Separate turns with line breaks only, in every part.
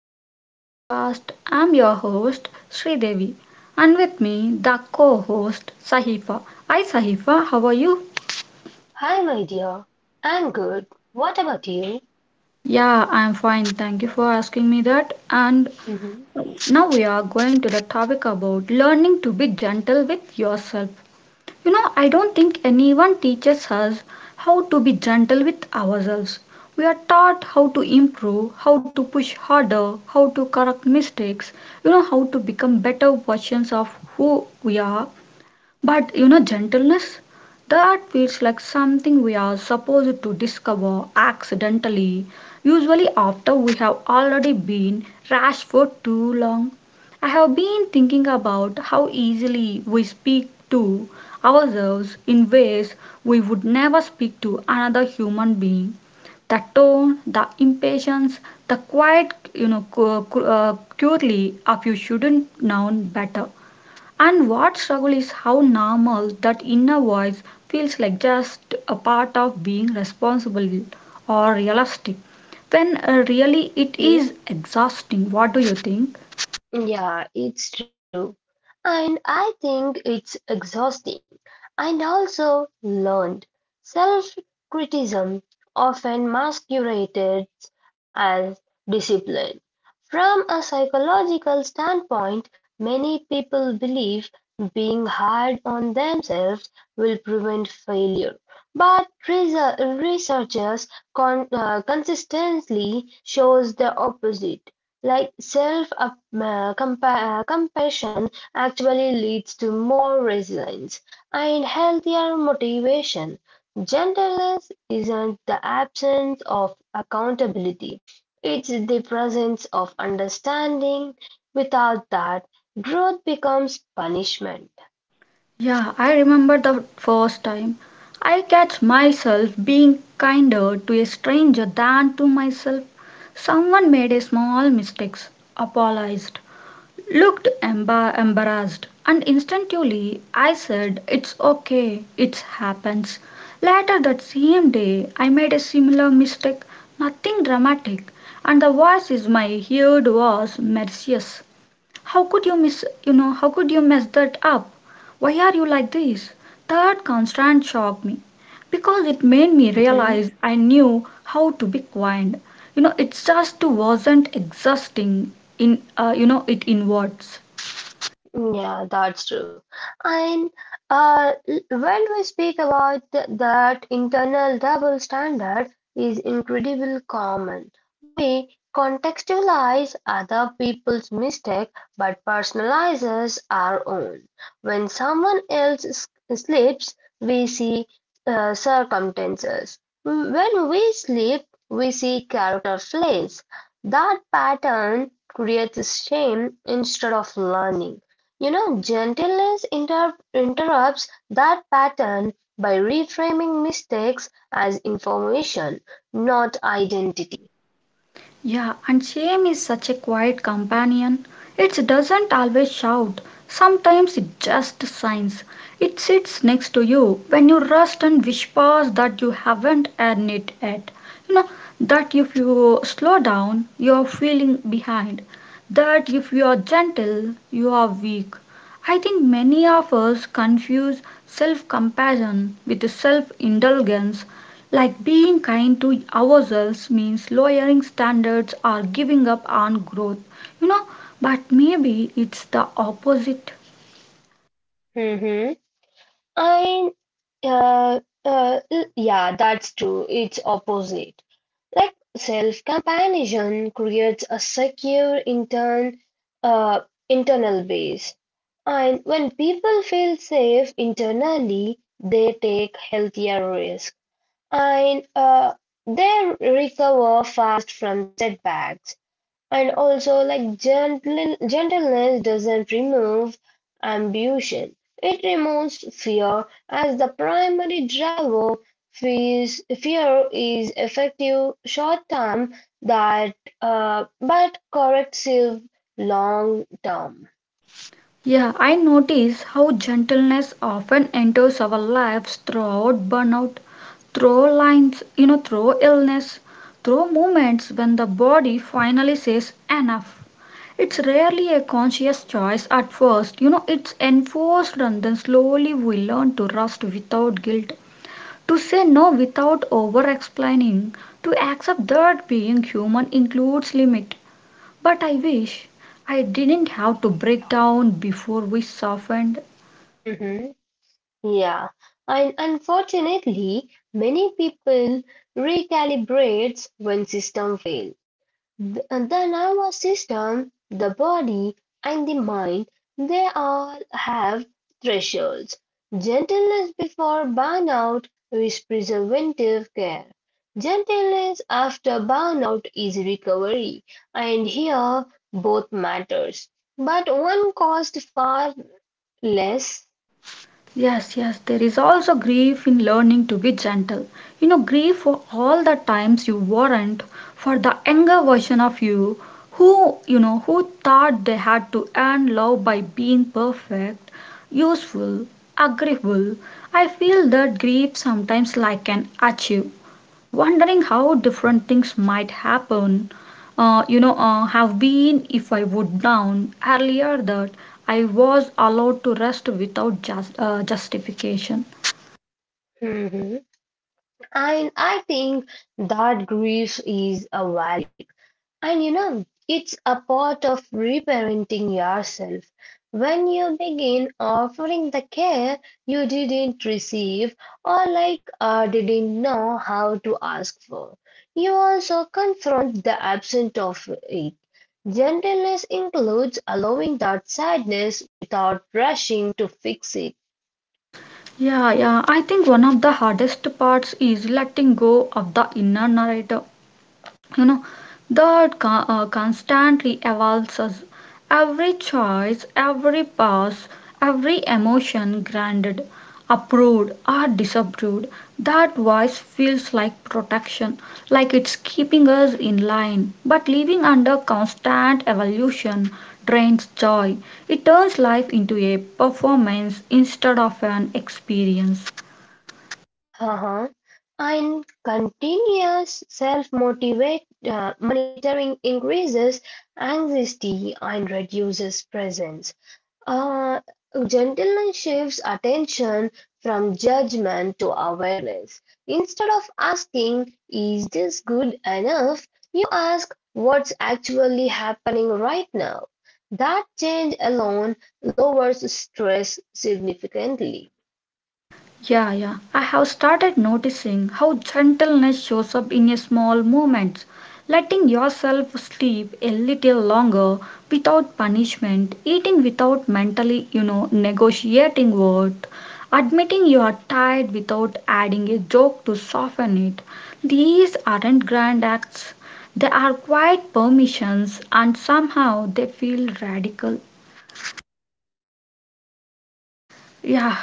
back to the podcast. I'm your host Sridevi and with me the co-host Sahifa. Hi Sahifa, how are you?
Hi, my dear. I'm good. What about you?
Yeah, I'm fine. Thank you for asking me that. And
Mm-hmm.
now we are going to the topic about learning to be gentle with yourself. You know, I don't think anyone teaches us how to be gentle with ourselves. We are taught how to improve, how to push harder, how to correct mistakes, how to become better versions of who we are. But gentleness, that feels like something we are supposed to discover accidentally, usually after we have already been rash for too long. I have been thinking about how easily we speak to ourselves in ways we would never speak to another human being. The tone, the impatience, the quiet, purely of you shouldn't know better. And what struggle is how normal that inner voice feels like just a part of being responsible or realistic. When really it is
Mm-hmm.
exhausting. What do you think?
Yeah, it's true. And I think it's exhausting. And also learned. Self criticism often masquerades as discipline. From a psychological standpoint, many people believe being hard on themselves will prevent failure. But researchers consistently shows the opposite. Like self-compassion actually leads to more resilience and healthier motivation. Gentleness isn't the absence of accountability, it's the presence of understanding. Without that, growth becomes punishment.
Yeah, I remember the first time I catch myself being kinder to a stranger than to myself. Someone made a small mistakes, apologized, looked embarrassed, and instantly I said, "It's okay, it happens." Later that same day, I made a similar mistake, nothing dramatic, and the voice in my ear was merciless. How could you mess that up? Why are you like this? That constant shocked me because it made me realize I knew how to be kind. You know, it just wasn't exhausting in, it inwards.
Yeah, that's true. And uh, l- when we speak about that internal double standard is incredibly common. We contextualize other people's mistake but personalizes our own. When someone else sleeps, we see circumstances. When we sleep, we see character flaws. That pattern creates shame instead of learning. You know, gentleness interrupts that pattern by reframing mistakes as information, not identity.
Yeah, and shame is such a quiet companion. It doesn't always shout. Sometimes it just signs. It sits next to you when you rust and whispers that you haven't earned it yet. You know, that if you slow down, you're feeling behind. That if you're gentle, you are weak. I think many of us confuse self compassion with self indulgence, like being kind to ourselves means lowering standards or giving up on growth, you know, but maybe it's the opposite.
Mm-hmm. And uh, yeah, that's true. It's opposite. Like self-comparison creates a secure uh, internal base, and when people feel safe internally, they take healthier risks. And they recover fast from setbacks. And also, like gentleness doesn't remove ambition; it removes fear as the primary driver. Fear is effective short term, that but corrective long term.
Yeah, I notice how gentleness often enters our lives throughout burnout, through lines, through illness, through moments when the body finally says enough. It's rarely a conscious choice at first, it's enforced, and then slowly we learn to rest without guilt. To say no without over explaining, to accept that being human includes limit. But I wish I didn't have to break down before we softened.
Yeah, and unfortunately, many people recalibrates when system fail. The nervous system, the body, and the mind, they all have thresholds. Gentleness before burnout is preservative care. Gentleness after burnout is recovery, and here both matters. But one cost far less.
Yes, yes, there is also grief in learning to be gentle. You know, grief for all the times you weren't, for the younger version of you who thought they had to earn love by being perfect, useful, agreeable. I feel that grief sometimes like an achieve, wondering how different things might happen you know have been if I would down earlier, that I was allowed to rest without justification.
Mhm. And I think that grief is a value. And you know, it's a part of reparenting yourself. When you begin offering the care you didn't receive or like, didn't know how to ask for, you also confront the absence of it. Gentleness includes allowing that sadness without rushing to fix it.
Yeah, yeah, I think one of the hardest parts is letting go of the inner narrator, you know that constantly evolves us. Every choice, every pause, every emotion granted, approved or disapproved, that voice feels like protection, like it's keeping us in line. But living under constant evolution drains joy. It turns life into a performance instead of an experience.
Uh-huh. And continuous self-motivate uh, monitoring increases anxiety and reduces presence. Uh, Gentleness shifts attention from judgment to awareness. Instead of asking, is this good enough? You ask, what's actually happening right now? That change alone lowers stress significantly.
Yeah, yeah. I have started noticing how gentleness shows up in a small moments. Letting yourself sleep a little longer without punishment, eating without mentally, negotiating what, admitting you are tired without adding a joke to soften it. These aren't grand acts. They are quiet permissions, and somehow they feel radical. Yeah,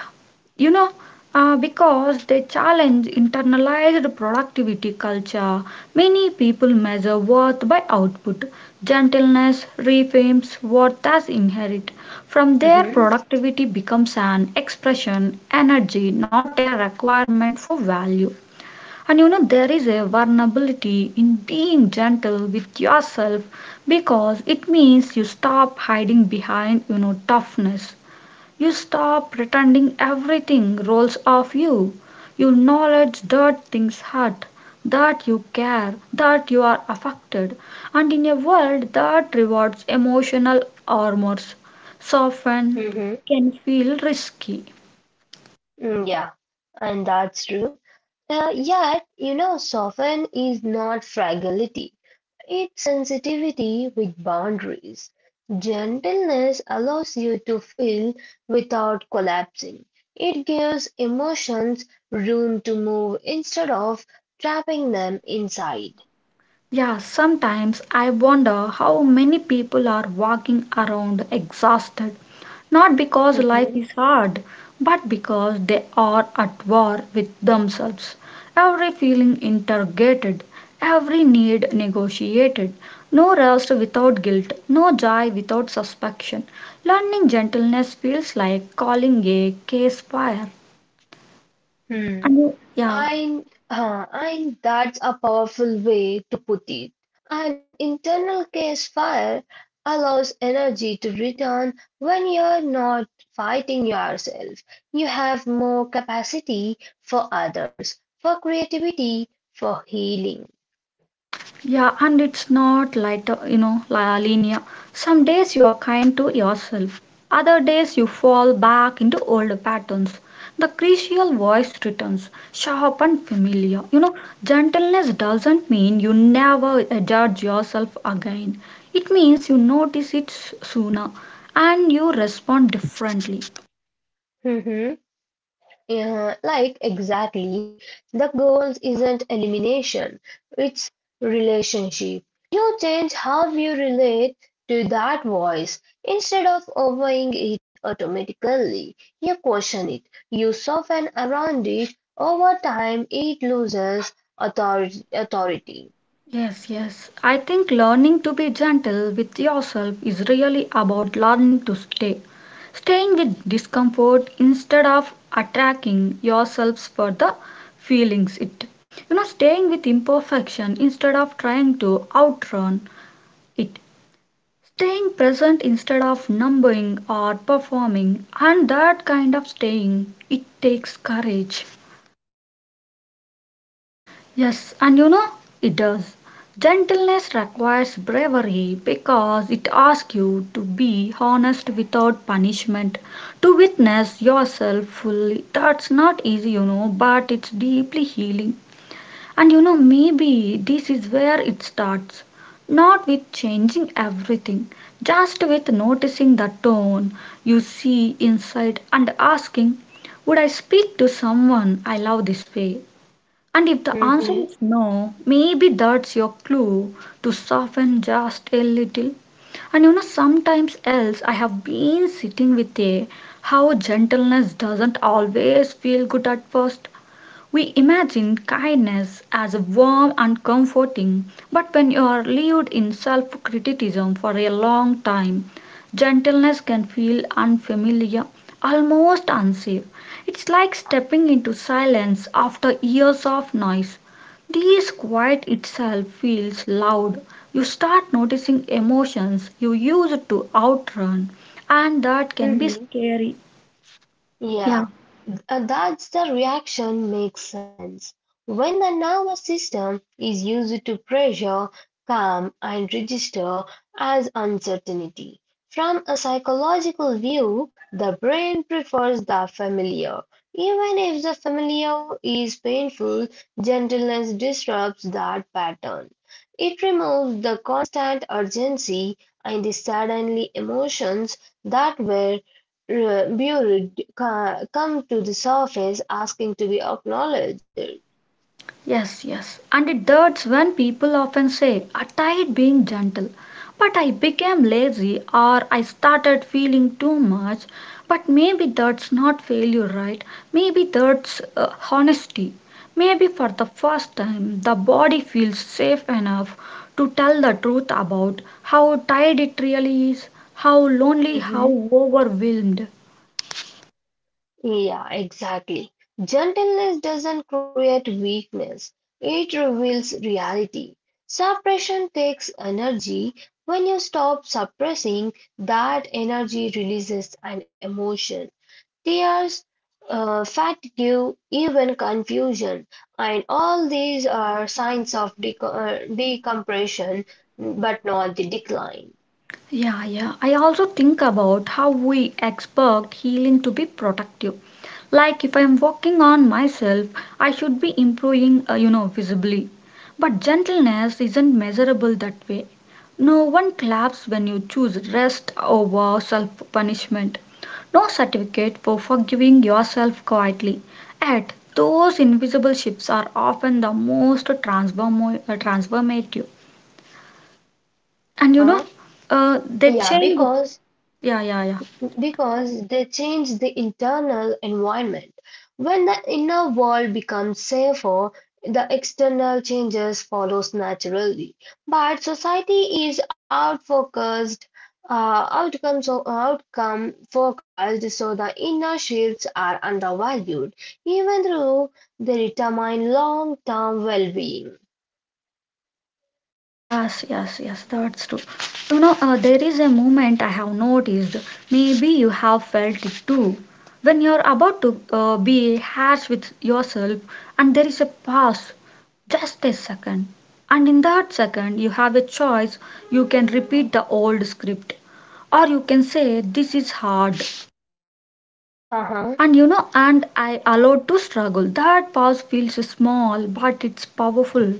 you know, because they challenge internalized productivity culture, many people measure worth by output. Gentleness reframes worth as inherent. From there,
Mhm.
productivity becomes an expression, energy, not a requirement for value. And there is a vulnerability in being gentle with yourself because it means you stop hiding behind, toughness. You stop pretending everything rolls off you. You acknowledge that things hurt, that you care, that you are affected, and in a world that rewards emotional armors, soften
Mhm.
can feel risky.
Mm, yeah, and that's true. Yet, soften is not fragility. It's sensitivity with boundaries. Gentleness allows you to feel without collapsing. It gives emotions room to move instead of trapping them inside.
Yeah, sometimes I wonder how many people are walking around exhausted, not because life
Mhm.
is hard, but because they are at war with themselves. Every feeling interrogated, every need negotiated, no rest without guilt, no joy without suspicion. Learning gentleness feels like calling a case fire.
Hmm.
And yeah.
And that's a powerful way to put it. An internal case file allows energy to return when you're not fighting yourself. You have more capacity for others, for creativity, for healing.
Yeah, and it's not like, linear. Some days you are kind to yourself, other days you fall back into old patterns. The crucial voice returns, sharp and familiar. You know, gentleness doesn't mean you never judge yourself again, it means you notice it sooner and you respond differently.
Yeah, like exactly. The goals isn't elimination, it's relationship. You change how you relate to that voice. Instead of obeying it automatically, you question it. You soften around it. Over time, it loses authority.
Yes, yes. I think learning to be gentle with yourself is really about learning to stay. Staying with discomfort instead of attacking yourselves for the feelings it. You know, staying with imperfection instead of trying to outrun it. Staying present instead of numbing or performing, and that kind of staying, it takes courage. Yes, and it does. Gentleness requires bravery because it asks you to be honest without punishment, to witness yourself fully. That's not easy, but it's deeply healing. And maybe this is where it starts. Not with changing everything, just with noticing the tone you see inside and asking, "Would I speak to someone I love this way?" And if the answer
Hmm.
is no, maybe that's your clue to soften just a little. And sometimes else I have been sitting with a how gentleness doesn't always feel good at first. We imagine kindness as warm and comforting, but when you are lived in self criticism for a long time, gentleness can feel unfamiliar, almost unsafe. It's like stepping into silence after years of noise. This quiet itself feels loud. You start noticing emotions you used to outrun, and that can be
Hmm.
scary. Yeah.
Yeah. And that's the reaction makes sense. When the nervous system is used to pressure, calm, and register as uncertainty. From a psychological view, the brain prefers the familiar. Even if the familiar is painful, gentleness disrupts that pattern. It removes the constant urgency and the suddenly emotions that were Bureau come to the surface asking to be acknowledged.
Yes, yes, and that's when people often say, "I tried being gentle, but I became lazy or I started feeling too much." But maybe that's not failure, right? Maybe that's honesty. Maybe for the first time, the body feels safe enough to tell the truth about how tired it really is, how lonely,
Mm-hmm.
how overwhelmed.
Yeah, exactly. Gentleness doesn't create weakness, it reveals reality. Suppression takes energy. When you stop suppressing, that energy releases an emotion. There's fatigue, even confusion, and all these are signs of decompression, but not the decline.
Yeah, yeah. I also think about how we expect healing to be productive. Like if I am working on myself, I should be improving, visibly. But gentleness isn't measurable that way. No one claps when you choose rest over self punishment. No certificate for forgiving yourself quietly. Yet, those invisible shifts are often the most transformative. And you know,
Uh-huh.
uh, they
Yeah,
change.
because
Yeah, yeah, yeah.
because they change the internal environment. When the inner world becomes safer, the external changes follows naturally. But society is outcomes or outcome focused, so the inner shields are undervalued, even though they determine long-term well-being.
Yes, yes, yes, that's true. There is a moment I have noticed. Maybe you have felt it too. When you're about to be harsh with yourself, and there is a pause, just a second. And in that second, you have a choice. You can repeat the old script, or you can say, "This is hard. And I allowed to struggle." That pause feels small, but it's powerful.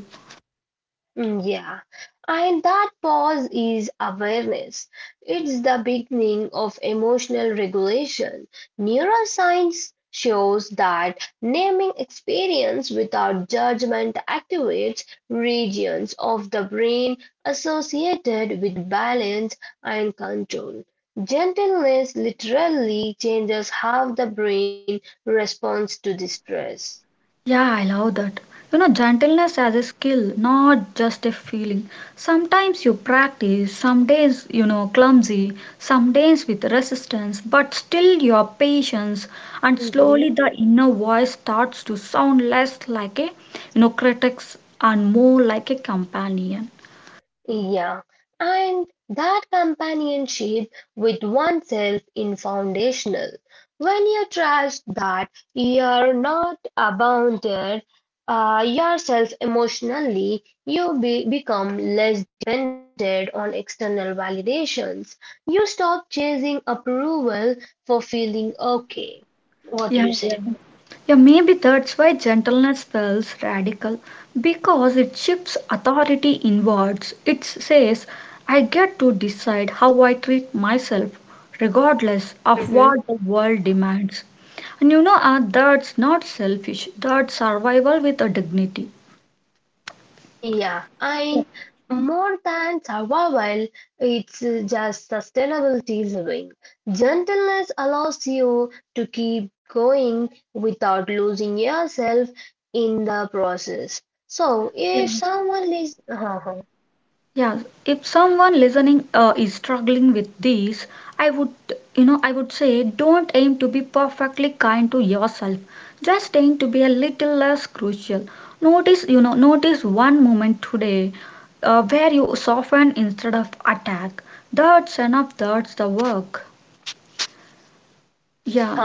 Mm, yeah, and that pause is awareness. It's the beginning of emotional regulation. Neuroscience shows that naming experience without judgment activates regions of the brain associated with balance and control. Gentleness literally changes how the brain responds to distress.
Yeah, I love that. Gentleness as a skill, not just a feeling. Sometimes you practice, some days, clumsy, some days with resistance, but still your patience, and slowly
Mm-hmm.
the inner voice starts to sound less like a, critic and more like a companion.
Yeah, and that companionship with oneself is foundational. When you trust that you're not abandoned yourself emotionally, you become less dependent on external validations. You stop chasing approval for feeling okay. What
Yeah,
do you
yeah.
say?
Yeah, maybe that's why gentleness feels radical, because it shifts authority inwards. It says, I get to decide how I treat myself, regardless of
Mm-hmm.
what the world demands. And that's not selfish, that's survival with a dignity.
Yeah, and more than survival, it's just sustainability's wing. Gentleness allows you to keep going without losing yourself in the process. So,
Yeah.
if someone is,
Yeah, if someone listening is struggling with these, I would, I would say, don't aim to be perfectly kind to yourself. Just aim to be a little less crucial. Notice one moment today where you soften instead of attack. That's enough, that's the work. Yeah.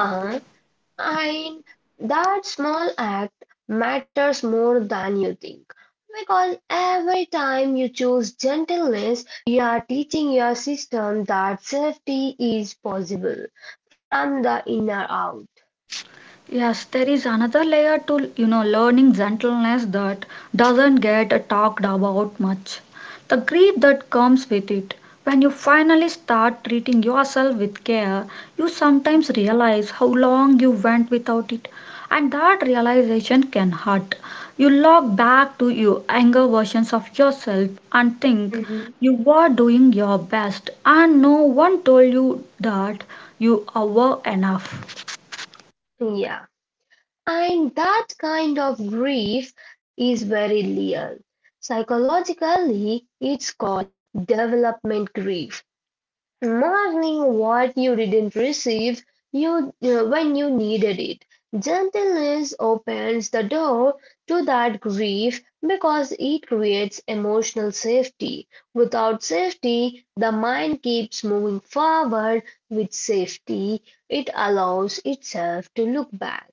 And that small act matters more than you think. Because every time you choose gentleness, you are teaching your system that safety is possible from the inner out.
Yes, there is another layer to learning gentleness that doesn't get talked about much. The grief that comes with it. When you finally start treating yourself with care, you sometimes realize how long you went without it, and that realization can hurt. You log back to your younger versions of yourself and think
Mhm.
you were doing your best, and no one told you that you were enough.
Yeah. And that kind of grief is very real. Psychologically, it's called development grief. Mourning what you didn't receive you when you needed it. Gentleness opens the door to that grief because it creates emotional safety. Without safety, the mind keeps moving forward. With safety, it allows itself to look back.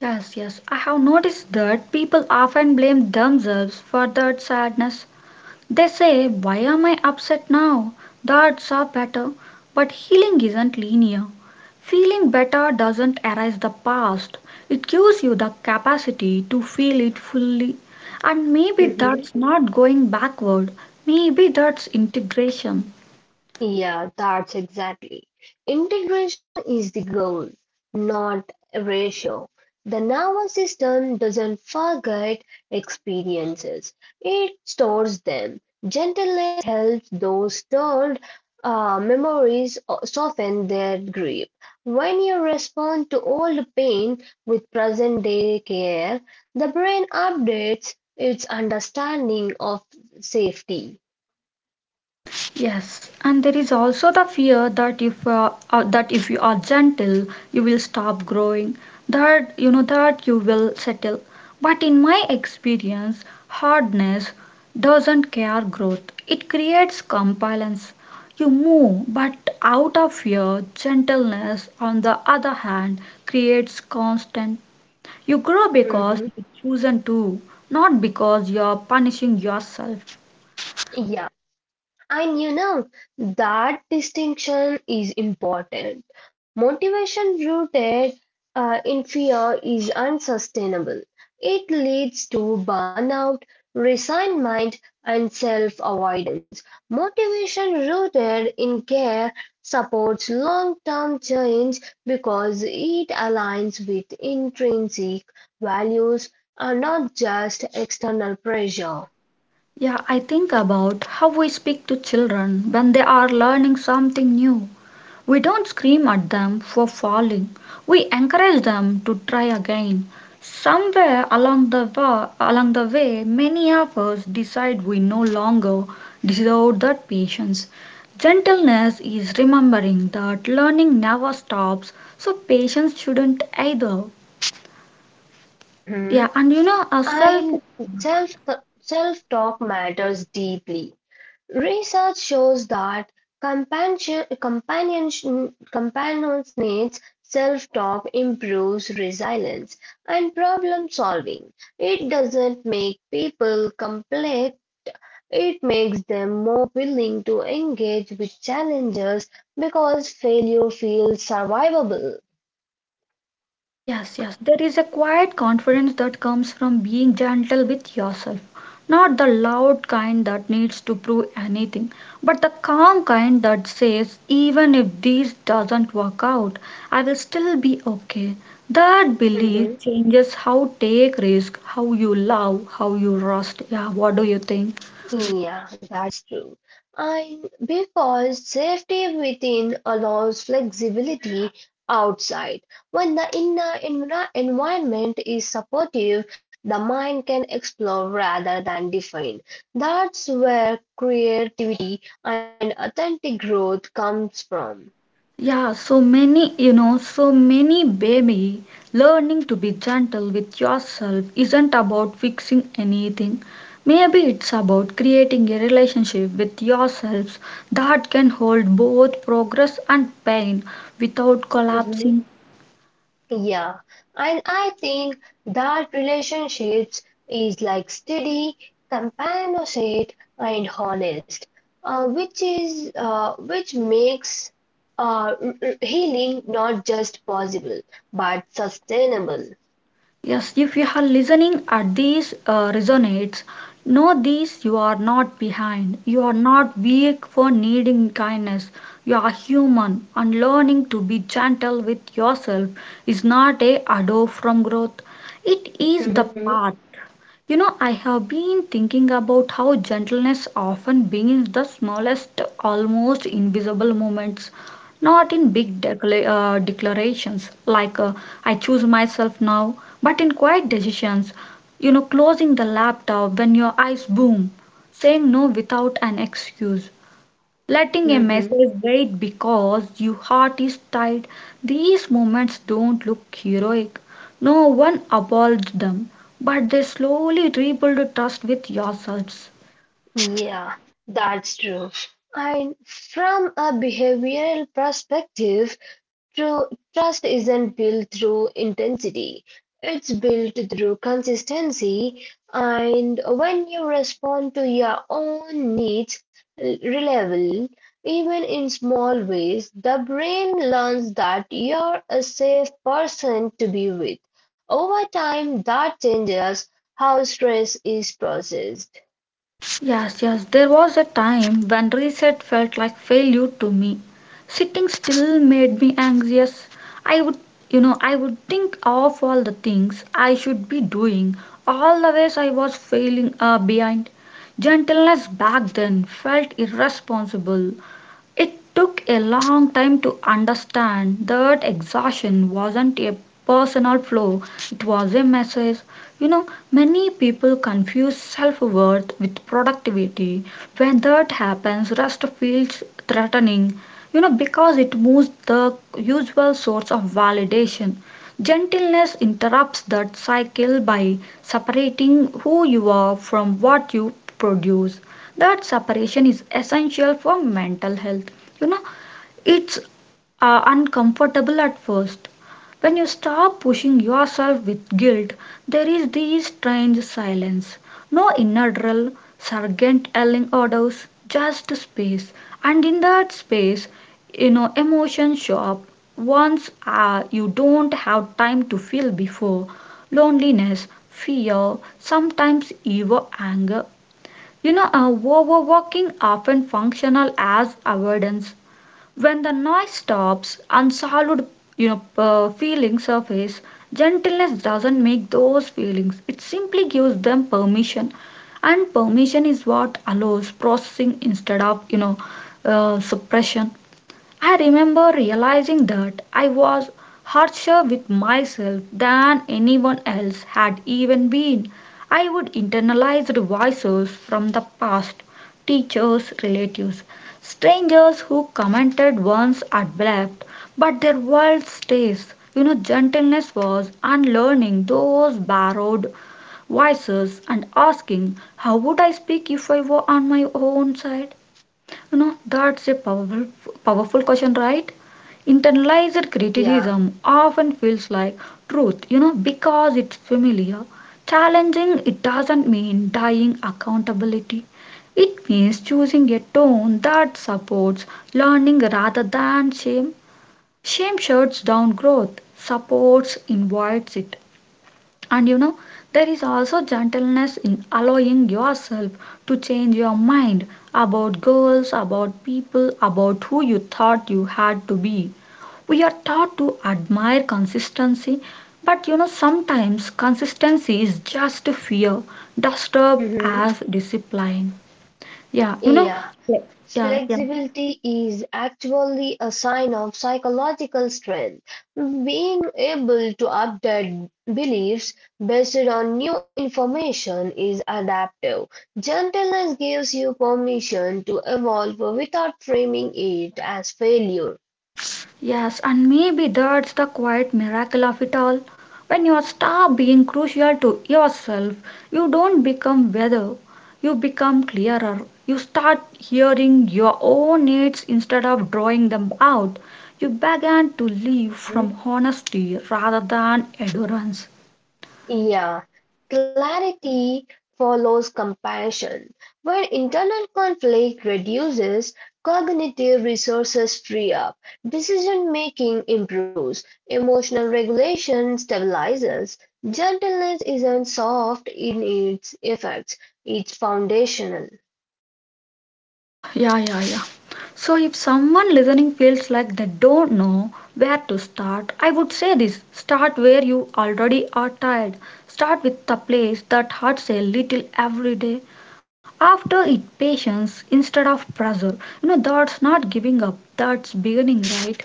Yes, yes. I have noticed that people often blame themselves for that sadness. They say, "Why am I upset now? That's are better." But healing isn't linear. Feeling better doesn't erase the past, it gives you the capacity to feel it fully. And maybe that's
Mhm.
not going backward, maybe that's integration.
Yeah, that's exactly. Integration is the goal, not erasure. The nervous system doesn't forget experiences, it stores them. Gentleness helps those stored memories soften their grip. When you respond to old pain with present day care, the brain updates its understanding of safety.
Yes, and there is also the fear that if you are gentle, you will stop growing. That you know that you will settle. But in my experience, hardness doesn't care growth. It creates compliance. You move, but out of fear, gentleness, on the other hand, creates constant. You grow because you
Mhm.
chosen to, not because you are punishing yourself.
Yeah. And you know, that distinction is important. Motivation rooted in fear is unsustainable. It leads to burnout, resignment, and self avoidance. Motivation rooted in care supports long term change because it aligns with intrinsic values and not just external pressure.
Yeah, I think about how we speak to children when they are learning something new. We don't scream at them for falling, we encourage them to try again. Somewhere along along the way, many of us decide we no longer deserve that patience. Gentleness is remembering that learning never stops, so patience shouldn't either. Yeah,
Mhm.
and you know, a self.
I self self-talk matters deeply. Research shows that companionships self-talk improves resilience and problem solving. It doesn't make people complex, it makes them more willing to engage with challenges because failure feels survivable.
Yes, yes. There is a quiet confidence that comes from being gentle with yourself. Not the loud kind that needs to prove anything, but the calm kind that says, even if this doesn't work out, I will still be okay. That belief changes how take risk, how you love, how you rest. Yeah, what do you think?
Yeah, that's true. And because safety within allows flexibility outside. When the inner environment is supportive, the mind can explore rather than define. That's where creativity and authentic growth comes from.
Yeah, so many, you know, so many baby learning to be gentle with yourself isn't about fixing anything. Maybe it's about creating a relationship with yourselves that can hold both progress and pain without
Mhm.
collapsing.
Yeah, and I think that relationships is like steady, companionate, and honest, which is which makes healing not just possible but sustainable.
Yes, if you are listening at these resonates, know this, you are not behind. You are not weak for needing kindness. You are human, and learning to be gentle with yourself is not a ado from growth. It is the
Hmm.
path. You know, I have been thinking about how gentleness often begins the smallest, almost invisible moments, not in big declarations like I choose myself now, but in quiet decisions. You know, closing the laptop when your eyes boom, saying no without an excuse, letting a
Hmm.
message wait because your heart is tied. These moments don't look heroic. No one applauds them, but they slowly rebuild trust with yourselves.
Yeah, that's true. And from a behavioral perspective, true trust isn't built through intensity. It's built through consistency, and when you respond to your own needs reliably, even in small ways, the brain learns that you're a safe person to be with. Over time, that changes how stress is processed.
Yes, yes, there was a time when reset felt like failure to me. Sitting still made me anxious. I would, you know, I would think of all the things I should be doing, all the ways I was failing behind. Gentleness back then felt irresponsible. It took a long time to understand that exhaustion wasn't a personal flaw, it was a message. You know, many people confuse self worth with productivity. When that happens, rest feels threatening, you know, because it moves the usual source of validation. Gentleness interrupts that cycle by separating who you are from what you produce. That separation is essential for mental health. You know, it's uncomfortable at first. When you stop pushing yourself with guilt, there is this strange silence, no inner drill sergeant yelling orders, just space. And in that space, you know, emotions show up once you don't have time to feel before, loneliness, fear, sometimes even anger. You know, overworking often functional as avoidance. When the noise stops, unsolved, you know, feelings surface. Gentleness doesn't make those feelings. It simply gives them permission, and permission is what allows processing instead of, you know, suppression. I remember realizing that I was harsher with myself than anyone else had even been. I would internalize the voices from the past, teachers, relatives, strangers who commented once at left, but their world stays. You know, gentleness was unlearning those borrowed voices and asking, how would I speak if I were on my own side? You know, that's a powerful, powerful question, right? Internalized
Yeah.
criticism often feels like truth, you know, because it's familiar. Challenging it doesn't mean dying accountability. It means choosing a tone that supports learning rather than shame. Shame shuts down growth, supports invites it. And you know, there is also gentleness in allowing yourself to change your mind about goals, about people, about who you thought you had to be. We are taught to admire consistency, but you know, sometimes consistency is just fear, dust up
Mhm.
as discipline. Yeah, you know,
Yeah,
yeah, yeah.
flexibility is actually a sign of psychological strength. Being able to update beliefs based on new information is adaptive. Gentleness gives you permission to evolve without framing it as failure.
Yes, and maybe that's the quiet miracle of it all. When you stop being crucial to yourself, you don't become better, you become clearer. You start hearing your own needs instead of drawing them out. You begin to live from honesty rather than endurance.
Yeah, clarity follows compassion. When internal conflict reduces, cognitive resources free up, decision making improves, emotional regulation stabilizes. Gentleness isn't soft in its effects, it's foundational.
Yeah, yeah, yeah, yeah. If someone listening feels like they don't know where to start, I would say this, start where you already are tired. Start with the place that hurts a little every day. After it, patience instead of pressure. You know, that's not giving up, that's beginning, right?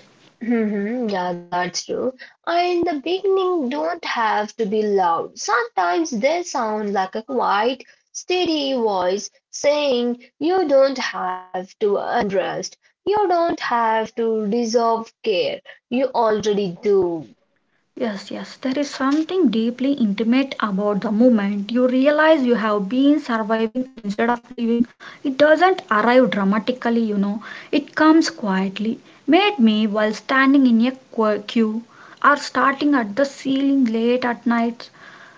Hmm. Yeah, that's true. And the beginning don't have to be loud. Sometimes they sound like a quiet, steady voice saying, "You don't have to undressed. You don't have to deserve care. You already do."
Yes, yes, there is something deeply intimate about the moment you realize you have been surviving instead of living. It doesn't arrive dramatically, you know, it comes quietly. Made me while standing in a queue or starting at the ceiling late at night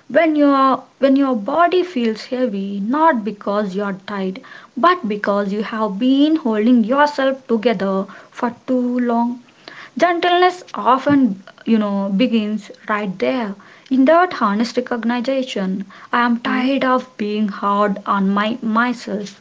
when your body feels heavy, not because you are tired, but because you have been holding yourself together for too long. Gentleness often, you know, begins right there, in that honest recognition. I am tired
Mm-hmm.
of being hard on my myself.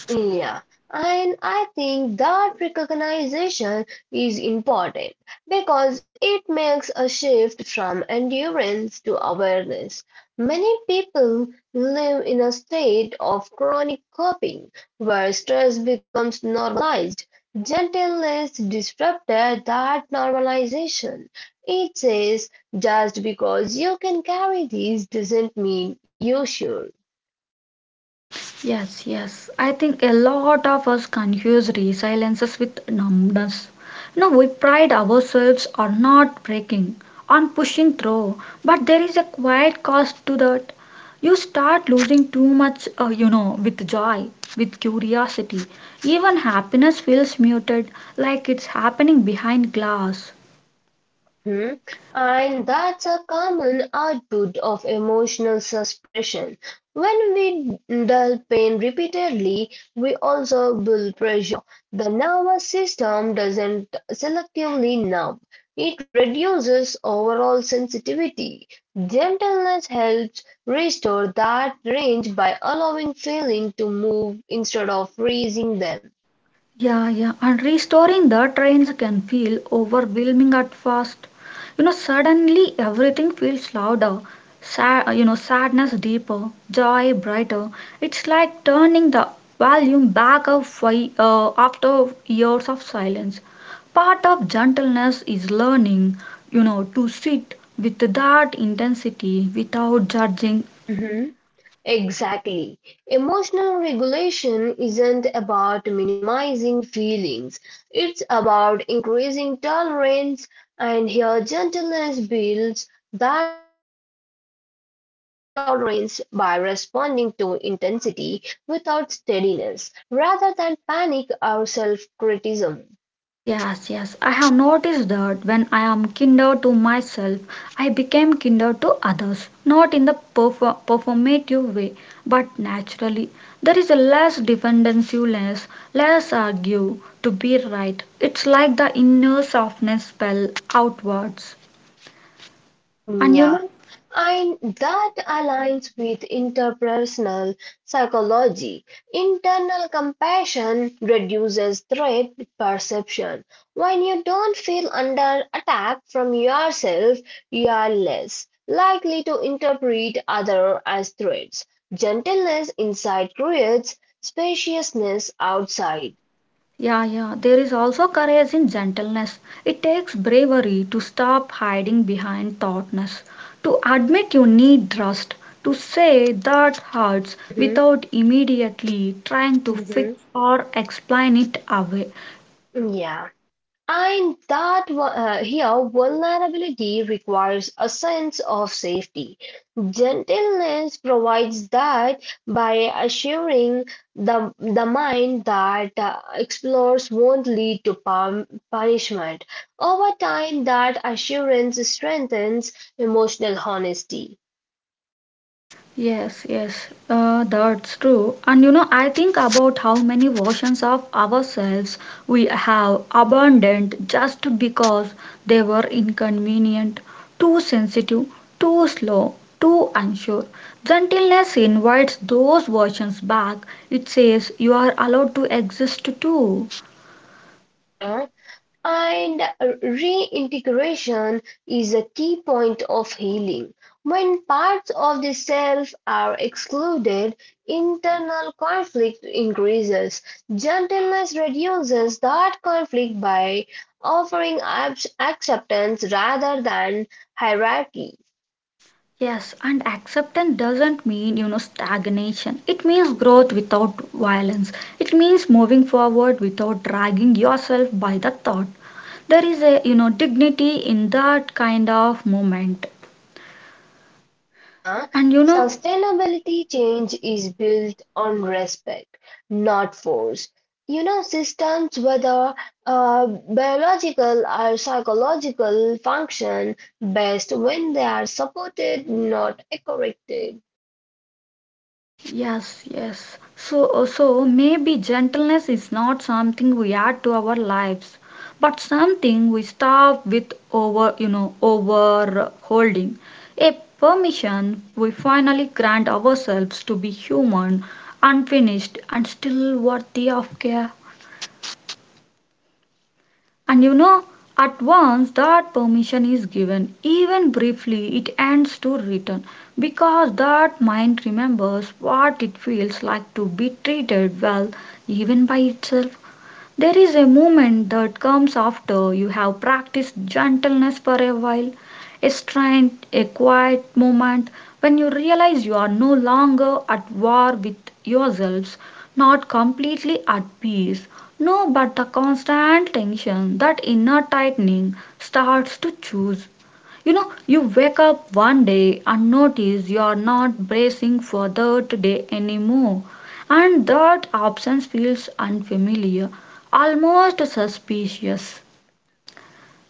Yeah, and I think that recognition is important because it makes a shift from endurance to awareness. Many people live in a state of chronic coping where stress becomes normalized. Gentleness disrupted that normalization. It says just because you can carry these doesn't mean you should.
Yes, yes. I think a lot of us confuse resiliences with numbness. You know, we pride ourselves on not breaking, on pushing through, but there is a quiet cost to that. You start losing too much, you know, with joy, with curiosity. Even happiness feels muted, like it's happening behind glass.
Mhm. And that's a common output of emotional suppression. When we dull pain repeatedly, we also build pressure. The nervous system doesn't selectively numb, it reduces overall sensitivity. Gentleness helps restore that range by allowing feeling to move instead of raising them.
Yeah, yeah, and restoring the trains can feel overwhelming at first. You know, suddenly everything feels louder, sad, you know, sadness deeper, joy brighter. It's like turning the volume back up after years of silence. Part of gentleness is learning, you know, to sit with that intensity without judging.
Mhm. Exactly. Emotional regulation isn't about minimizing feelings, it's about increasing tolerance, and here gentleness builds that tolerance by responding to intensity without steadiness rather than panic or self criticism.
Yes, yes. I have noticed that when I am kinder to myself, I became kinder to others, not in the performative way, but naturally. There is a less defensiveness, less argue to be right. It's like the inner softness spell outwards. And you
Yeah.
know,
And that aligns with interpersonal psychology. Internal compassion reduces threat perception. When you don't feel under attack from yourself, you are less likely to interpret others as threats. Gentleness inside creates spaciousness outside.
yeah, yeah. There is also courage in gentleness. It takes bravery to stop hiding behind thoughtness, to admit you need rest, to say that hurts
Hmm.
without immediately trying to fix
Hmm.
or explain it away.
Yeah. And that here, vulnerability requires a sense of safety. Gentleness provides that by assuring the mind that explores won't lead to punishment. Over time, that assurance strengthens emotional honesty.
Yes, yes, that's true. And you know, I think about how many versions of ourselves we have abandoned just because they were inconvenient, too sensitive, too slow, too unsure. Gentleness invites those versions back. It says you are allowed to exist too.
Uh-huh. And, reintegration is a key point of healing. When parts of the self are excluded, internal conflict increases. Gentleness reduces that conflict by offering acceptance rather than hierarchy.
Yes, and acceptance doesn't mean, you know, stagnation. It means growth without violence. It means moving forward without dragging yourself by the thought. There is a, you know, dignity in that kind of moment.
Uh-huh.
And you know,
Sustainability change is built on respect, not force. You know, systems, whether biological or psychological, function best when they are supported, not corrected.
yes, yes. So maybe gentleness is not something we add to our lives, but something we stop with over, you know, over holding. A permission we finally grant ourselves to be human, unfinished, and still worthy of care. And you know, at once that permission is given, even briefly, it ends to return because that mind remembers what it feels like to be treated well, even by itself. There is a moment that comes after you have practiced gentleness for a while, a strained, a quiet moment when you realize you are no longer at war with yourselves, not completely at peace. No, but the constant tension, that inner tightening starts to choose. You know, you wake up one day and notice you are not bracing for that day anymore, and that absence feels unfamiliar, almost suspicious.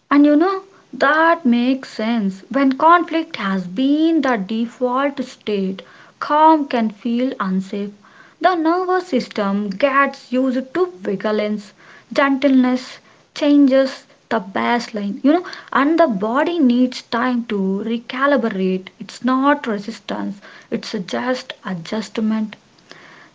And you know, that makes sense. When conflict has been the default state, calm can feel unsafe. The nervous system gets used to vigilance, gentleness changes the baseline, you know, and the body needs time to recalibrate. It's not resistance, it's just adjustment.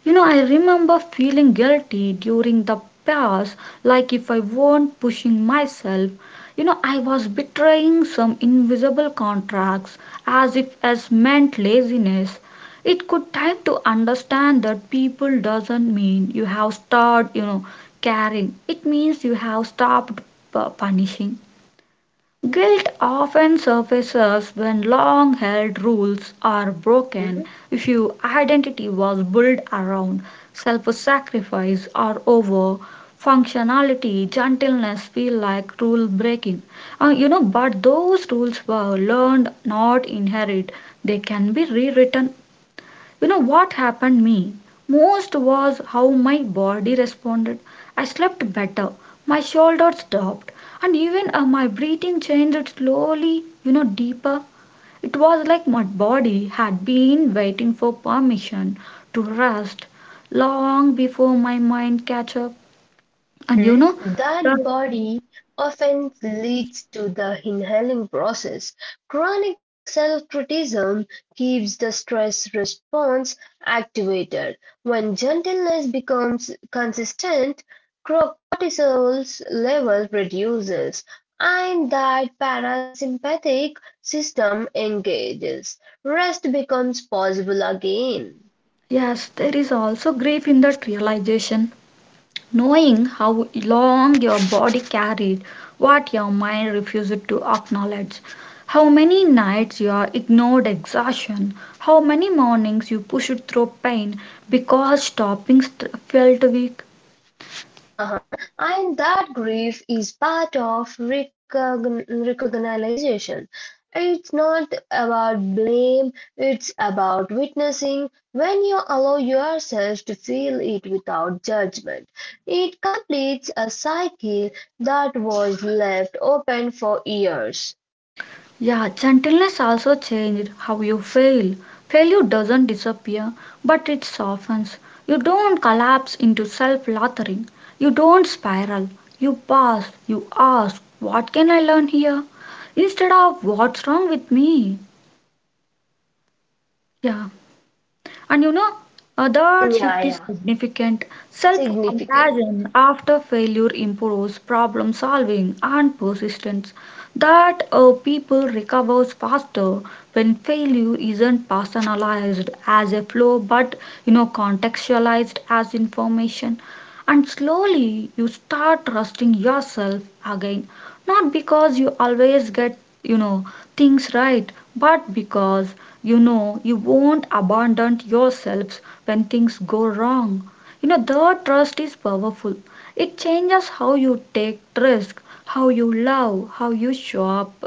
You know, I remember feeling guilty during the past, like if I weren't pushing myself. You know, I was betraying some invisible contracts, as if as meant laziness. It could time to understand that people doesn't mean you have stopped, you know, caring. It means you have stopped punishing. Guilt often surfaces when long held rules are broken, if your identity was built around self sacrifice or over functionality, gentleness feel like rule breaking. You know, but those rules were learned, not inherit. They can be rewritten. You know what happened me most was how my body responded. I slept better, my shoulders dropped, and even my breathing changed slowly, you know, deeper. It was like my body had been waiting for permission to rest long before my mind catch up. And you know,
Mhm. That
that
body often leads to the inhaling process. Chronic self-criticism keeps the stress response activated. When gentleness becomes consistent, cortisol's level reduces and that parasympathetic system engages. Rest becomes possible again.
yes, there is also grief in that realization, knowing how long your body carried what your mind refused to acknowledge, how many nights you ignored exhaustion, how many mornings you pushed through pain because stopping felt weak.
Uh-huh. And that grief is part of recognition. It's not about blame, it's about witnessing. When you allow yourself to feel it without judgment, it completes a cycle that was left open for years.
Yeah, gentleness also changed how you fail. Failure doesn't disappear, but it softens. You don't collapse into self loathing. You don't spiral. You pause. You ask, what can I learn here? Instead of, what's wrong with me? Yeah, and you know, that shift
Yeah,
is
yeah,
significant. Self
significant.
compassion after failure improves problem solving and persistence. That people recovers faster when failure isn't personalized as a flaw but contextualized as information. And slowly you start trusting yourself again not because you always get, you know, things right, but because you know you won't abandon yourselves when things go wrong. You know, the trust is powerful. It changes how you take risk, how you love, how you show up.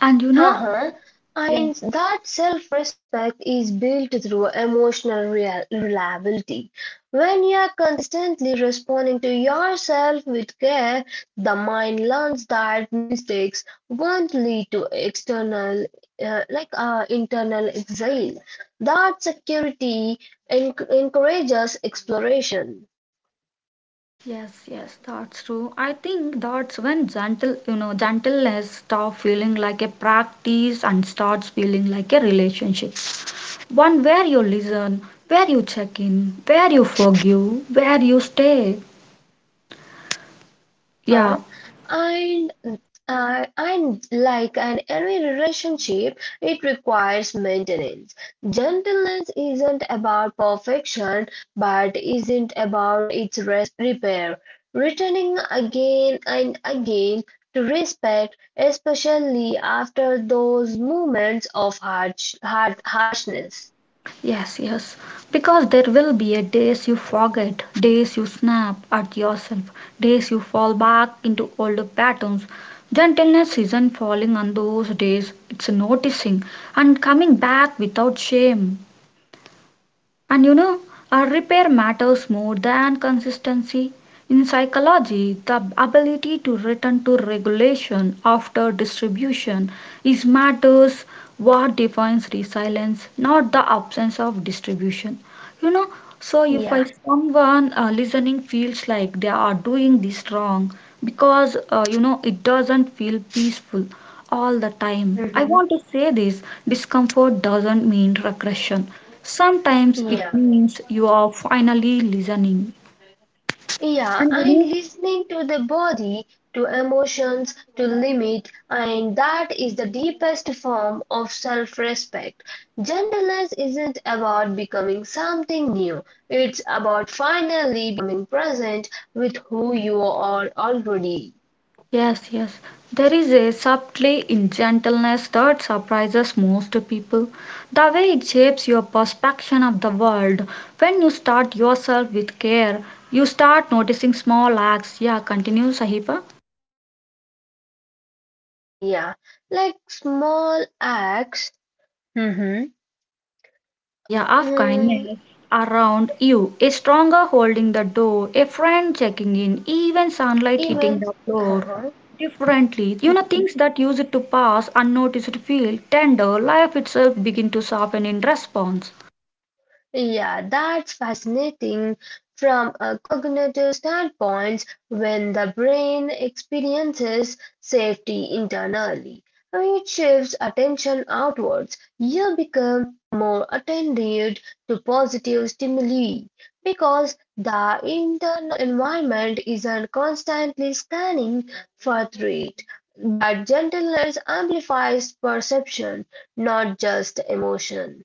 And you know,
Uh-huh.
yeah.
And that self-respect is built through emotional reliability. When you are consistently responding to yourself with care, the mind learns that mistakes won't lead to external, like internal exile. That security encourages exploration.
Yes, yes, that's true. I think that's when gentleness stop feeling like a practice and starts feeling like a relationship. One where you listen, where you check in, where you forgive, where you stay. Yeah,
Uh-huh. And and like an every relationship, it requires maintenance. Gentleness isn't about perfection, but isn't about its rest repair. Returning again and again to respect, especially after those moments of harshness.
yes, yes. Because there will be a days you forget, days you snap at yourself, days you fall back into old patterns. Gentleness isn't falling on those days, it's noticing and coming back without shame. And you know, our repair matters more than consistency. In psychology, the ability to return to regulation after distribution is matters what defines resilience, not the absence of distribution. You know, so if
Yeah.
I someone listening feels like they are doing this wrong because you know it doesn't feel peaceful all the time. I
Mhm.
want to say this discomfort doesn't mean regression. Sometimes it
Yeah.
means you are finally listening.
Yeah,
And you
and
know,
listening to the body, to emotions, to limit, and that is the deepest form of self respect. Gentleness isn't about becoming something new, it's about finally becoming present with who you are already.
yes, yes. There is a subtlety in gentleness that surprises most people. The way it shapes your perception of the world. When you start yourself with care, you start noticing small acts. Yeah, continue, Sahiba.
Yeah, like small acts, mm-hmm,
Yeah, yeah, of
mm,
kindness around you. A stronger holding the door, a friend checking in, even sunlight
even.
hitting the floor.
Uh-huh.
Differently, you know, things that use it to pass unnoticed feel tender, life itself begin to soften in response.
Yeah, that's fascinating from a cognitive standpoint when the brain experiences safety internally. I mean, it shifts attention outwards. You become more attentive to positive stimuli because the internal environment isn't constantly scanning for threat. But gentleness amplifies perception, not just emotion.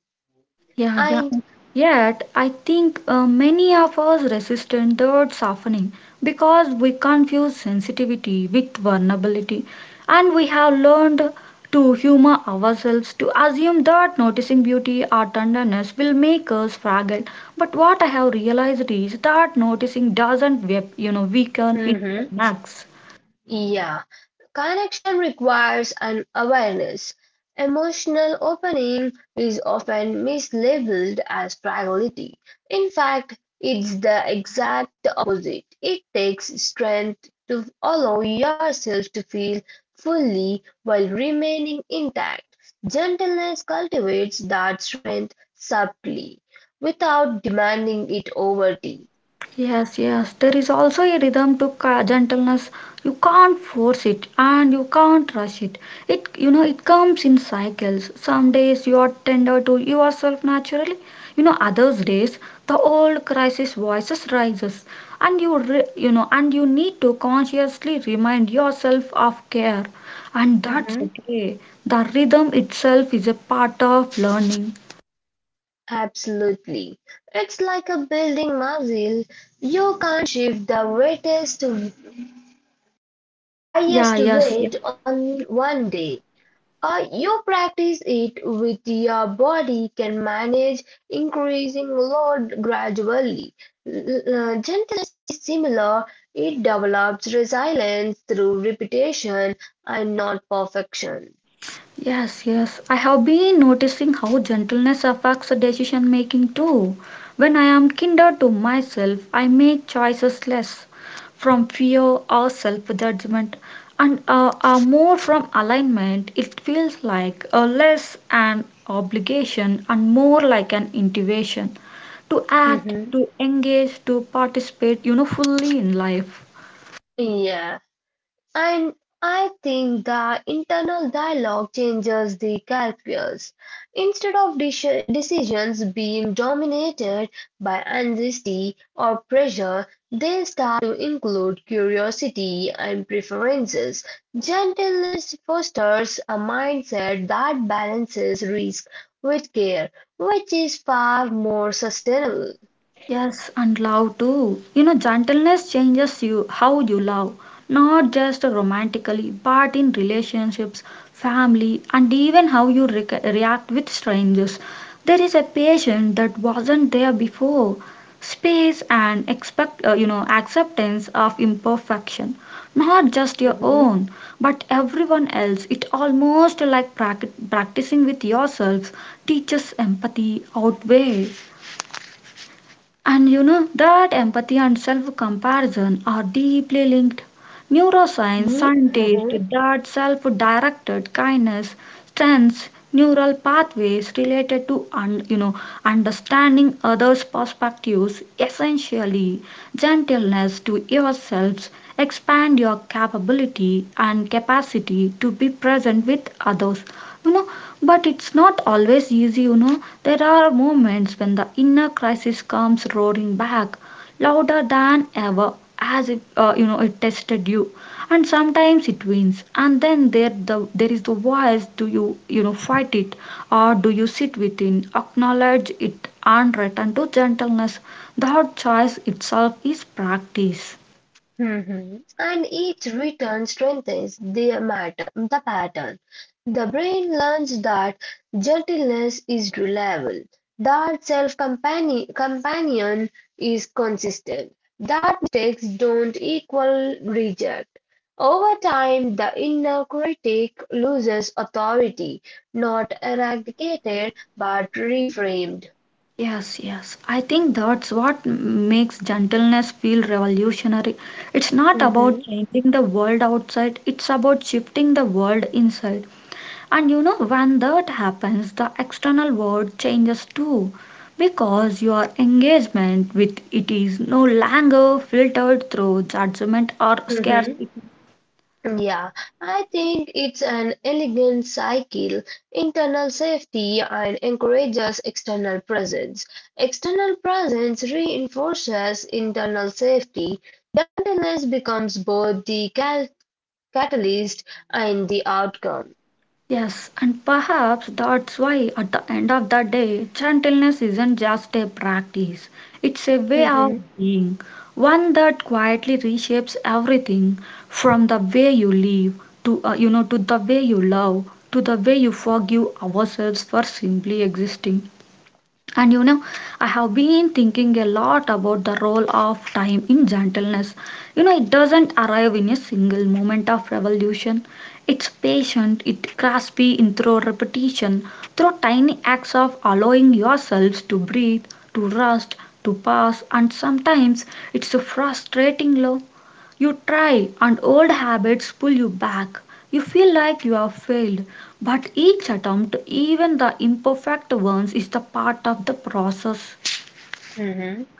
Yeah, yeah.
And
Yet, I think many of us resist the word softening because we confuse sensitivity with vulnerability, and we have learned to humor ourselves to assume that noticing beauty or tenderness will make us fragile. But what I have realized is that noticing doesn't, you know, weaken; it
Mhm.
connects.
Yeah, connection requires an awareness. Emotional opening is often mislabeled as priority. In fact, it's the exact opposite. It takes strength to allow yourself to feel fully while remaining intact. Gentleness cultivates that strength subtly without demanding it overtly.
Yes, yes. There is also a rhythm to gentleness. You can't force it and you can't rush it. It you know it comes in cycles. Some days you are tender to yourself naturally. You know others days the old crisis voices rises and you know and you need to consciously remind yourself of care and that's okay. The rhythm itself is a part of learning.
Absolutely. It's like a building muscle. You can't shift the weightest,
Yeah,
highest
yes, yes.
weight on one day. Or you practice it with your body can manage increasing load gradually. Gentleness is similar. It develops resilience through repetition and not perfection.
Yes, yes. I have been noticing how gentleness affects decision making too. When I am kinder to myself, I make choices less from fear or self judgment and are more from alignment. It feels like a less an obligation and more like an intuition to act,
Hmm.
to engage, to participate, you know, fully in life.
Yeah. And I think the internal dialogue changes the calculus. Instead of decisions being dominated by anxiety or pressure, they start to include curiosity and preferences. Gentleness fosters a mindset that balances risk with care, which is far more sustainable.
Yes, and love too. You know, gentleness changes you how you love, not just romantically, but in relationships, family, and even how you react with strangers. There is a patience that wasn't there before, space and expect, you know, acceptance of imperfection, not just your
Mm-hmm.
own, but everyone else. It almost like practicing with yourselves teaches empathy outweigh. And you know that empathy and self comparison are deeply linked. Neuroscience scientists that self directed kindness strengthens neural pathways related to you know understanding others' perspectives. Essentially, gentleness to yourselves expand your capability and capacity to be present with others you know but it's not always easy you know there are moments when the inner crisis comes roaring back louder than ever as if you know it tested you and sometimes it wins and then there is the voice do you you know fight it or do you sit within acknowledge it and return to gentleness the hard choice itself is practice.
Mhm. And each return strengthens the matter, the pattern. The brain learns that gentleness is reliable, that self-companion companion is consistent, that mistakes don't equal reject. Over time, the inner critic loses authority, not eradicated, but reframed.
Yes, yes. I think that's what makes gentleness feel revolutionary. It's not about
Mhm.
changing the world outside, it's about shifting the world inside. And you know, when that happens, the external world changes too, because your engagement with it is no longer filtered through judgment or scarcity.
Yeah, I think it's an elegant cycle. Internal safety and encourages external presence. External presence reinforces internal safety. Gentleness becomes both the catalyst and the outcome.
Yes, and perhaps that's why at the end of the day, gentleness isn't just a practice, it's a way of
Mhm,
being, one that quietly reshapes everything from the way you live to you know to the way you love to the way you forgive ourselves for simply existing. And you know, I have been thinking a lot about the role of time in gentleness. You know, it doesn't arrive in a single moment of revolution. It's patient, it's graspy in through repetition, through tiny acts of allowing yourselves to breathe, to rest, to pause, and sometimes it's a frustrating low. You try, and old habits pull you back. You feel like you have failed, but each attempt, even the imperfect ones, is the part of the process.
mhm.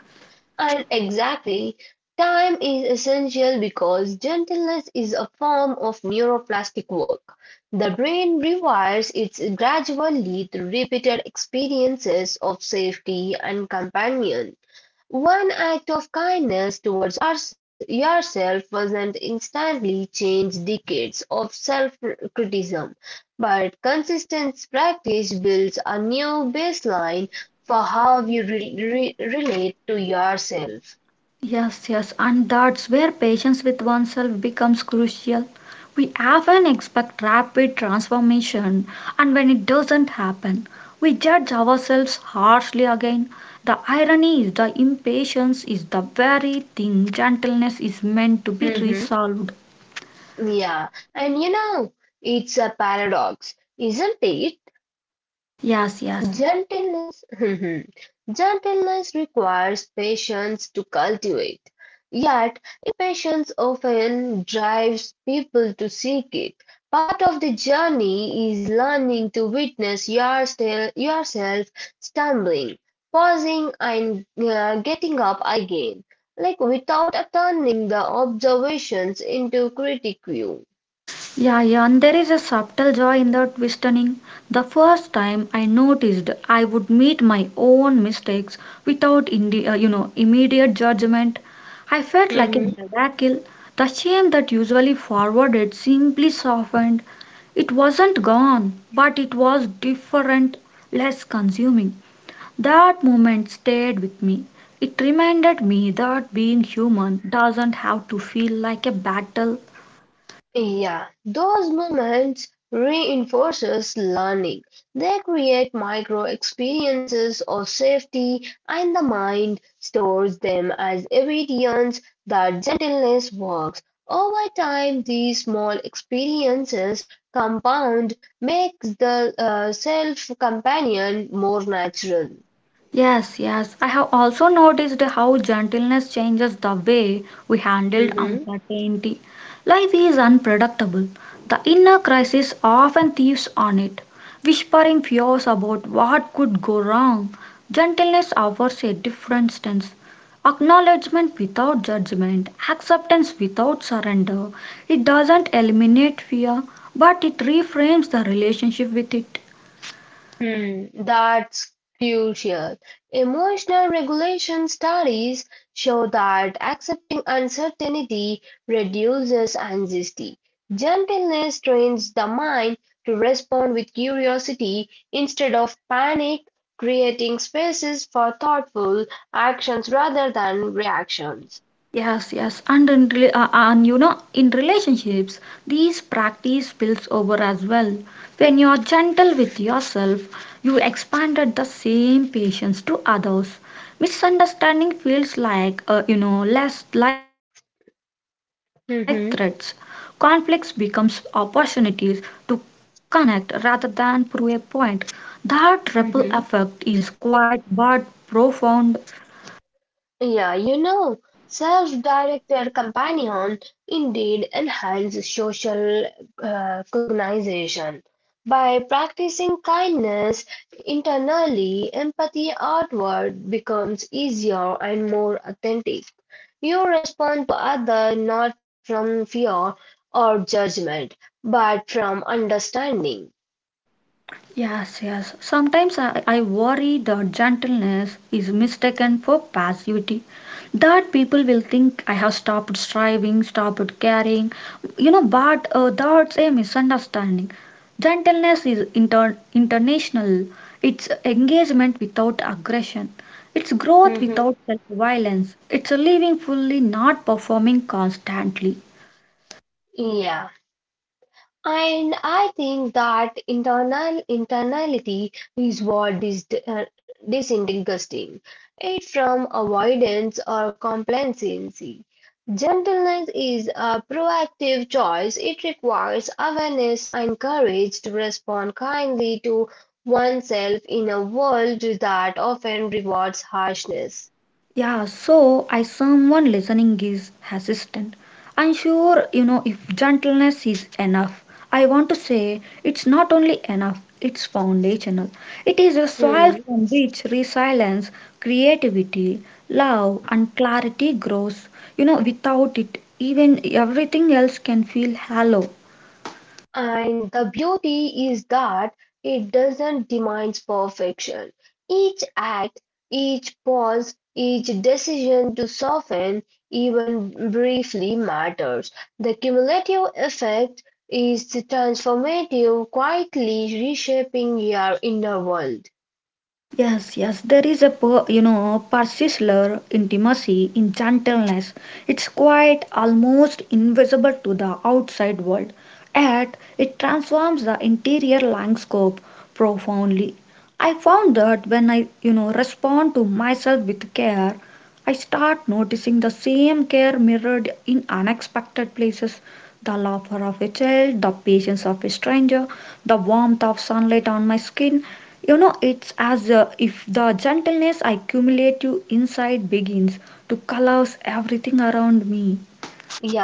And exactly, time is essential because gentleness is a form of neuroplastic work. The brain rewires it gradually through repeated experiences of safety and companions. One act of kindness towards yourself doesn't instantly change decades of self-criticism, but consistent practice builds a new baseline for how you relate to yourself.
Yes, yes, and that's where patience with oneself becomes crucial. We often expect rapid transformation, and when it doesn't happen, we judge ourselves harshly again. The irony is the impatience is the very thing gentleness is meant to be
Mhm.
resolved.
Yeah, and you know, it's a paradox, isn't it?
Yes, yes.
Gentleness, gentleness requires patience to cultivate. Yet patience often drives people to seek it. Part of the journey is learning to witness yourself stumbling, pausing, and getting up again, like without turning the observations into critique view.
Yeah, yeah, and there is a subtle joy in that twistening. The first time I noticed I would meet my own mistakes without you know immediate judgment. I felt like a miracle. The shame that usually forwarded simply softened. It wasn't gone, but it was different, less consuming. That moment stayed with me. It reminded me that being human doesn't have to feel like a battle.
Yeah, those moments reinforces learning. They create micro experiences of safety and the mind stores them as evidence that gentleness works. Over time, these small experiences compound makes the self companion more natural.
Yes, yes. I have also noticed how gentleness changes the way we handle
Mhm.
uncertainty. Life is unpredictable. The inner crisis often thieves on it, whispering fears about what could go wrong. Gentleness offers a different stance. Acknowledgement without judgment, acceptance without surrender. It doesn't eliminate fear, but it reframes the relationship with it.
Hmm, that's crucial. Emotional regulation studies show that accepting uncertainty reduces anxiety. Gentleness trains the mind to respond with curiosity instead of panic, creating spaces for thoughtful actions rather than reactions.
Yes, yes, and in and you know in relationships, these practice spills over as well. When you are gentle with yourself, you expanded the same patience to others. Misunderstanding feels like you know less like threats. Conflicts
Mhm,
becomes opportunities to connect rather than prove a point. That ripple
mhm.
effect is quite but profound.
Yeah, you know, self-directed companion indeed enhances social cognition. By practicing kindness internally, empathy outward becomes easier and more authentic. You respond to other not from fear or judgment, but from understanding.
Yes, yes. Sometimes I worry the gentleness is mistaken for passivity. That people will think I have stopped striving, stopped caring, you know, but that's a misunderstanding. Gentleness is international, it's engagement without aggression, it's growth without
Mhm.
self violence, it's living fully, not performing constantly.
Yeah. And I think that internal internality is what is disinteresting it from avoidance or complacency. Gentleness is a proactive choice. It requires awareness and courage to respond kindly to oneself in a world that often rewards harshness.
Yeah, so I someone listening is assistant. I'm sure you know if gentleness is enough. I want to say it's not only enough, it's foundational. It is a soil
Hmm.
from which resilience, creativity, love and clarity grows. You know, without it, even everything else can feel hollow.
And the beauty is that it doesn't demand perfection. Each act, each pause, each decision to soften, even briefly, matters. The cumulative effect is transformative, quietly reshaping your inner world.
Yes, yes, there is a per, you know persisler intimacy in gentleness. It's quite almost invisible to the outside world, yet it transforms the interior landscape profoundly. I found that when I you know respond to myself with care, I start noticing the same care mirrored in unexpected places the laughter of a child, the patience of a stranger, the warmth of sunlight on my skin. You know, it's as if the gentleness I accumulate to inside begins to colors everything around me.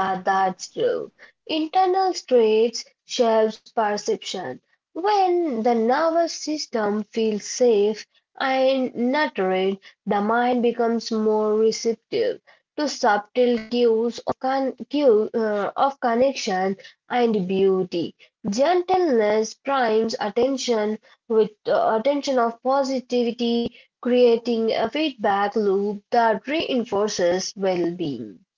Yeah, that's true. Internal traits shapes perception. When the nervous system feels safe and nurtured, the mind becomes more receptive to subtle cues of, of connection and beauty. Gentleness primes attention with attention of positivity, creating a feedback loop that reinforces well-being.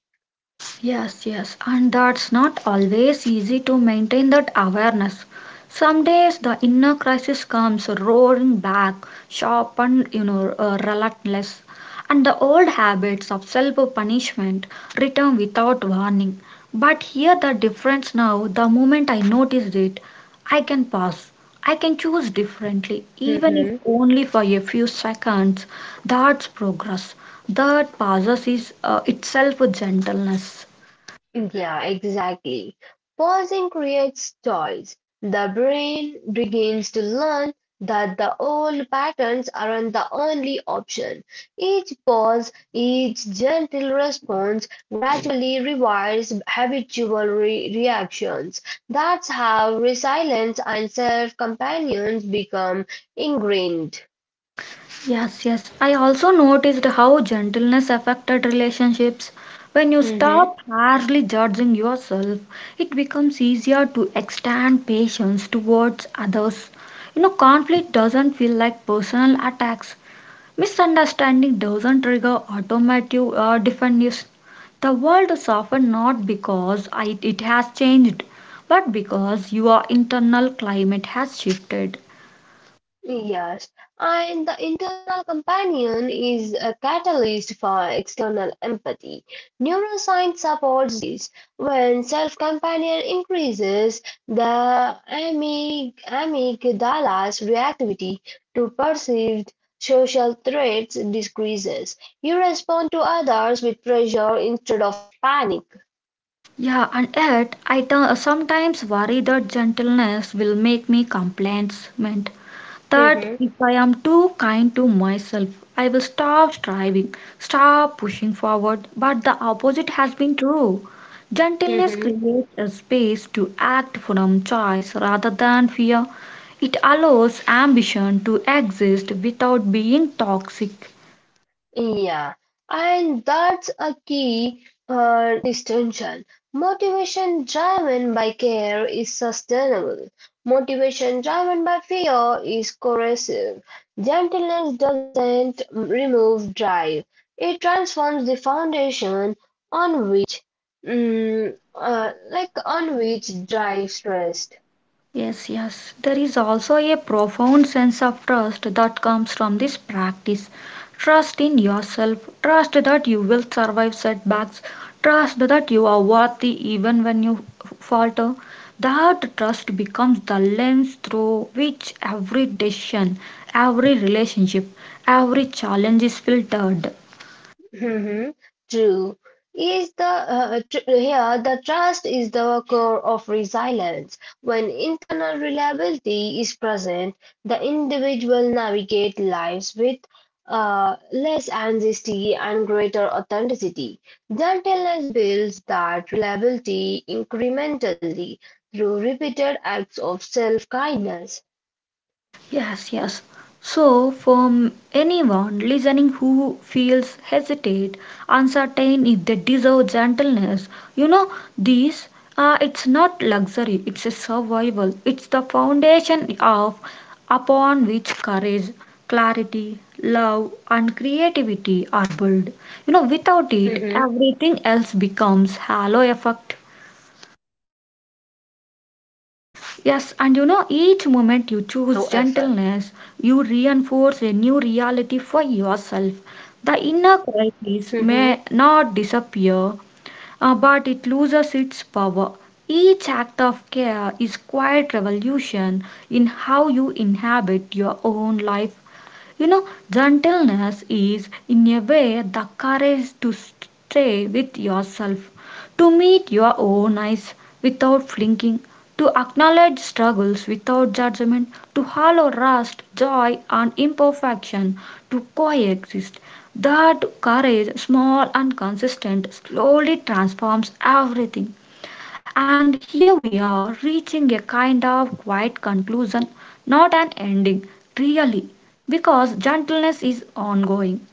Yes, yes, and that's not always easy to maintain that awareness. Some days the inner crisis comes roaring back, sharp and relentless, and the old habits of self-punishment return without warning. But here the difference now, the moment I noticed it, I can pause. I can choose differently, even if
Mhm.
only for a few seconds. That's progress. That pauses is itself gentleness.
Yeah, exactly. Pausing creates choice. The brain begins to learn that the old patterns aren't the only option. Each pause, each gentle response gradually rewires habitual reactions. That's how resilience and self companions become ingrained.
Yes, yes. I also noticed how gentleness affected relationships. When you stop harshly judging yourself, it becomes easier to extend patience towards others. You know, conflict doesn't feel like personal attacks. Misunderstanding doesn't trigger automatic defensive. The world is often not because I, it has changed, but because your internal climate has shifted.
Yes, and the internal companion is a catalyst for external empathy. Neuroscience supports this. When self-companion increases, the amygdala's reactivity to perceived social threats decreases. You respond to others with pressure instead of panic.
Yeah, and yet sometimes worry that gentleness will make me complacent. That
Mhm,
if I am too kind to myself, I will stop striving, stop pushing forward. But the opposite has been true. Gentleness
mhm.
creates a space to act from choice rather than fear. It allows ambition to exist without being toxic.
Yeah, and that's a key distinction. Motivation driven by care is sustainable. Motivation driven by fear is corrosive. Gentleness doesn't remove drive, it transforms the foundation on which, like on which drives rest.
Yes, yes. There is also a profound sense of trust that comes from this practice. Trust in yourself, trust that you will survive setbacks, trust that you are worthy even when you falter. That trust becomes the lens through which every decision, every relationship, every challenge is filtered.
Hmm. True. Is the tr here the trust is the core of resilience. When internal reliability is present, the individual navigate lives with uh, less anxiety and greater authenticity. Gentleness builds that reliability incrementally through repeated acts of self-kindness.
Yes, yes. So, from anyone listening who feels hesitate, uncertain if they deserve gentleness, you know, this it's not luxury, it's a survival. It's the foundation of upon which courage, clarity, love, and creativity are built. You know, without it,
Hmm.
everything else becomes halo effect.
Halo effect.
Yes, and you know, each moment you choose gentleness, you reinforce a new reality for yourself. The inner
Hmm.
crisis may not disappear, but it loses its power. Each act of care is quiet revolution in how you inhabit your own life you know, gentleness is, in a way, the courage to stay with yourself, to meet your own eyes without flinching, to acknowledge struggles without judgment, to hallow rust, joy, and imperfection, to coexist. That courage, small and consistent, slowly transforms everything. And here we are reaching a kind of quiet conclusion, not an ending, really, because gentleness is ongoing,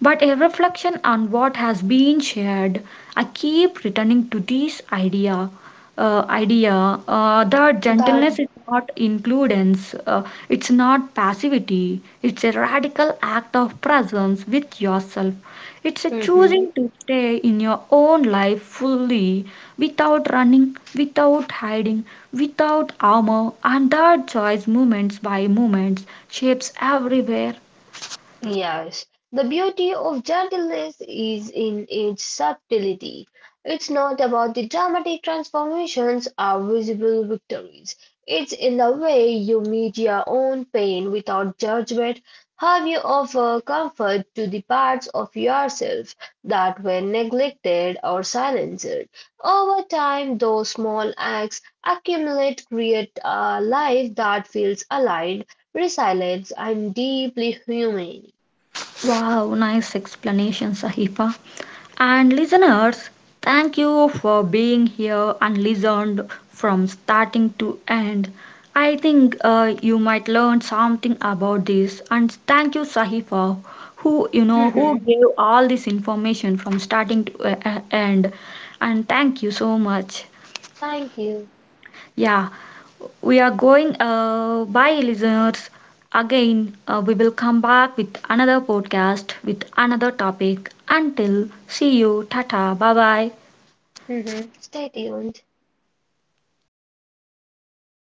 but a reflection on what has been shared. I keep returning to this idea. That
That.
gentleness is not includence, it's not passivity, it's a radical act of presence with yourself it's a choosing to stay in your own life fully without running, without hiding, without armor, and that choice, moments by moments, shapes everywhere.
Yes, the beauty of Jungle is in its subtlety. It's not about the dramatic transformations or visible victories. It's in the way you meet your own pain without judgment, how you offer comfort to the parts of yourself that were neglected or silenced. Over time, those small acts accumulate, create a life that feels aligned, resilient, and deeply human.
Wow, nice explanation, Sahifa. And listeners, thank you for being here and listened from starting to end. I think you might learn something about this. And thank you, Sahi, for who you know who
Mhm.
gave all this information from starting to end. And thank you so much.
Thank you.
Yeah, we are going. Bye, listeners. Again, we will come back with another podcast with another topic. Until see you, tata, bye bye.
Mhm. Stay tuned.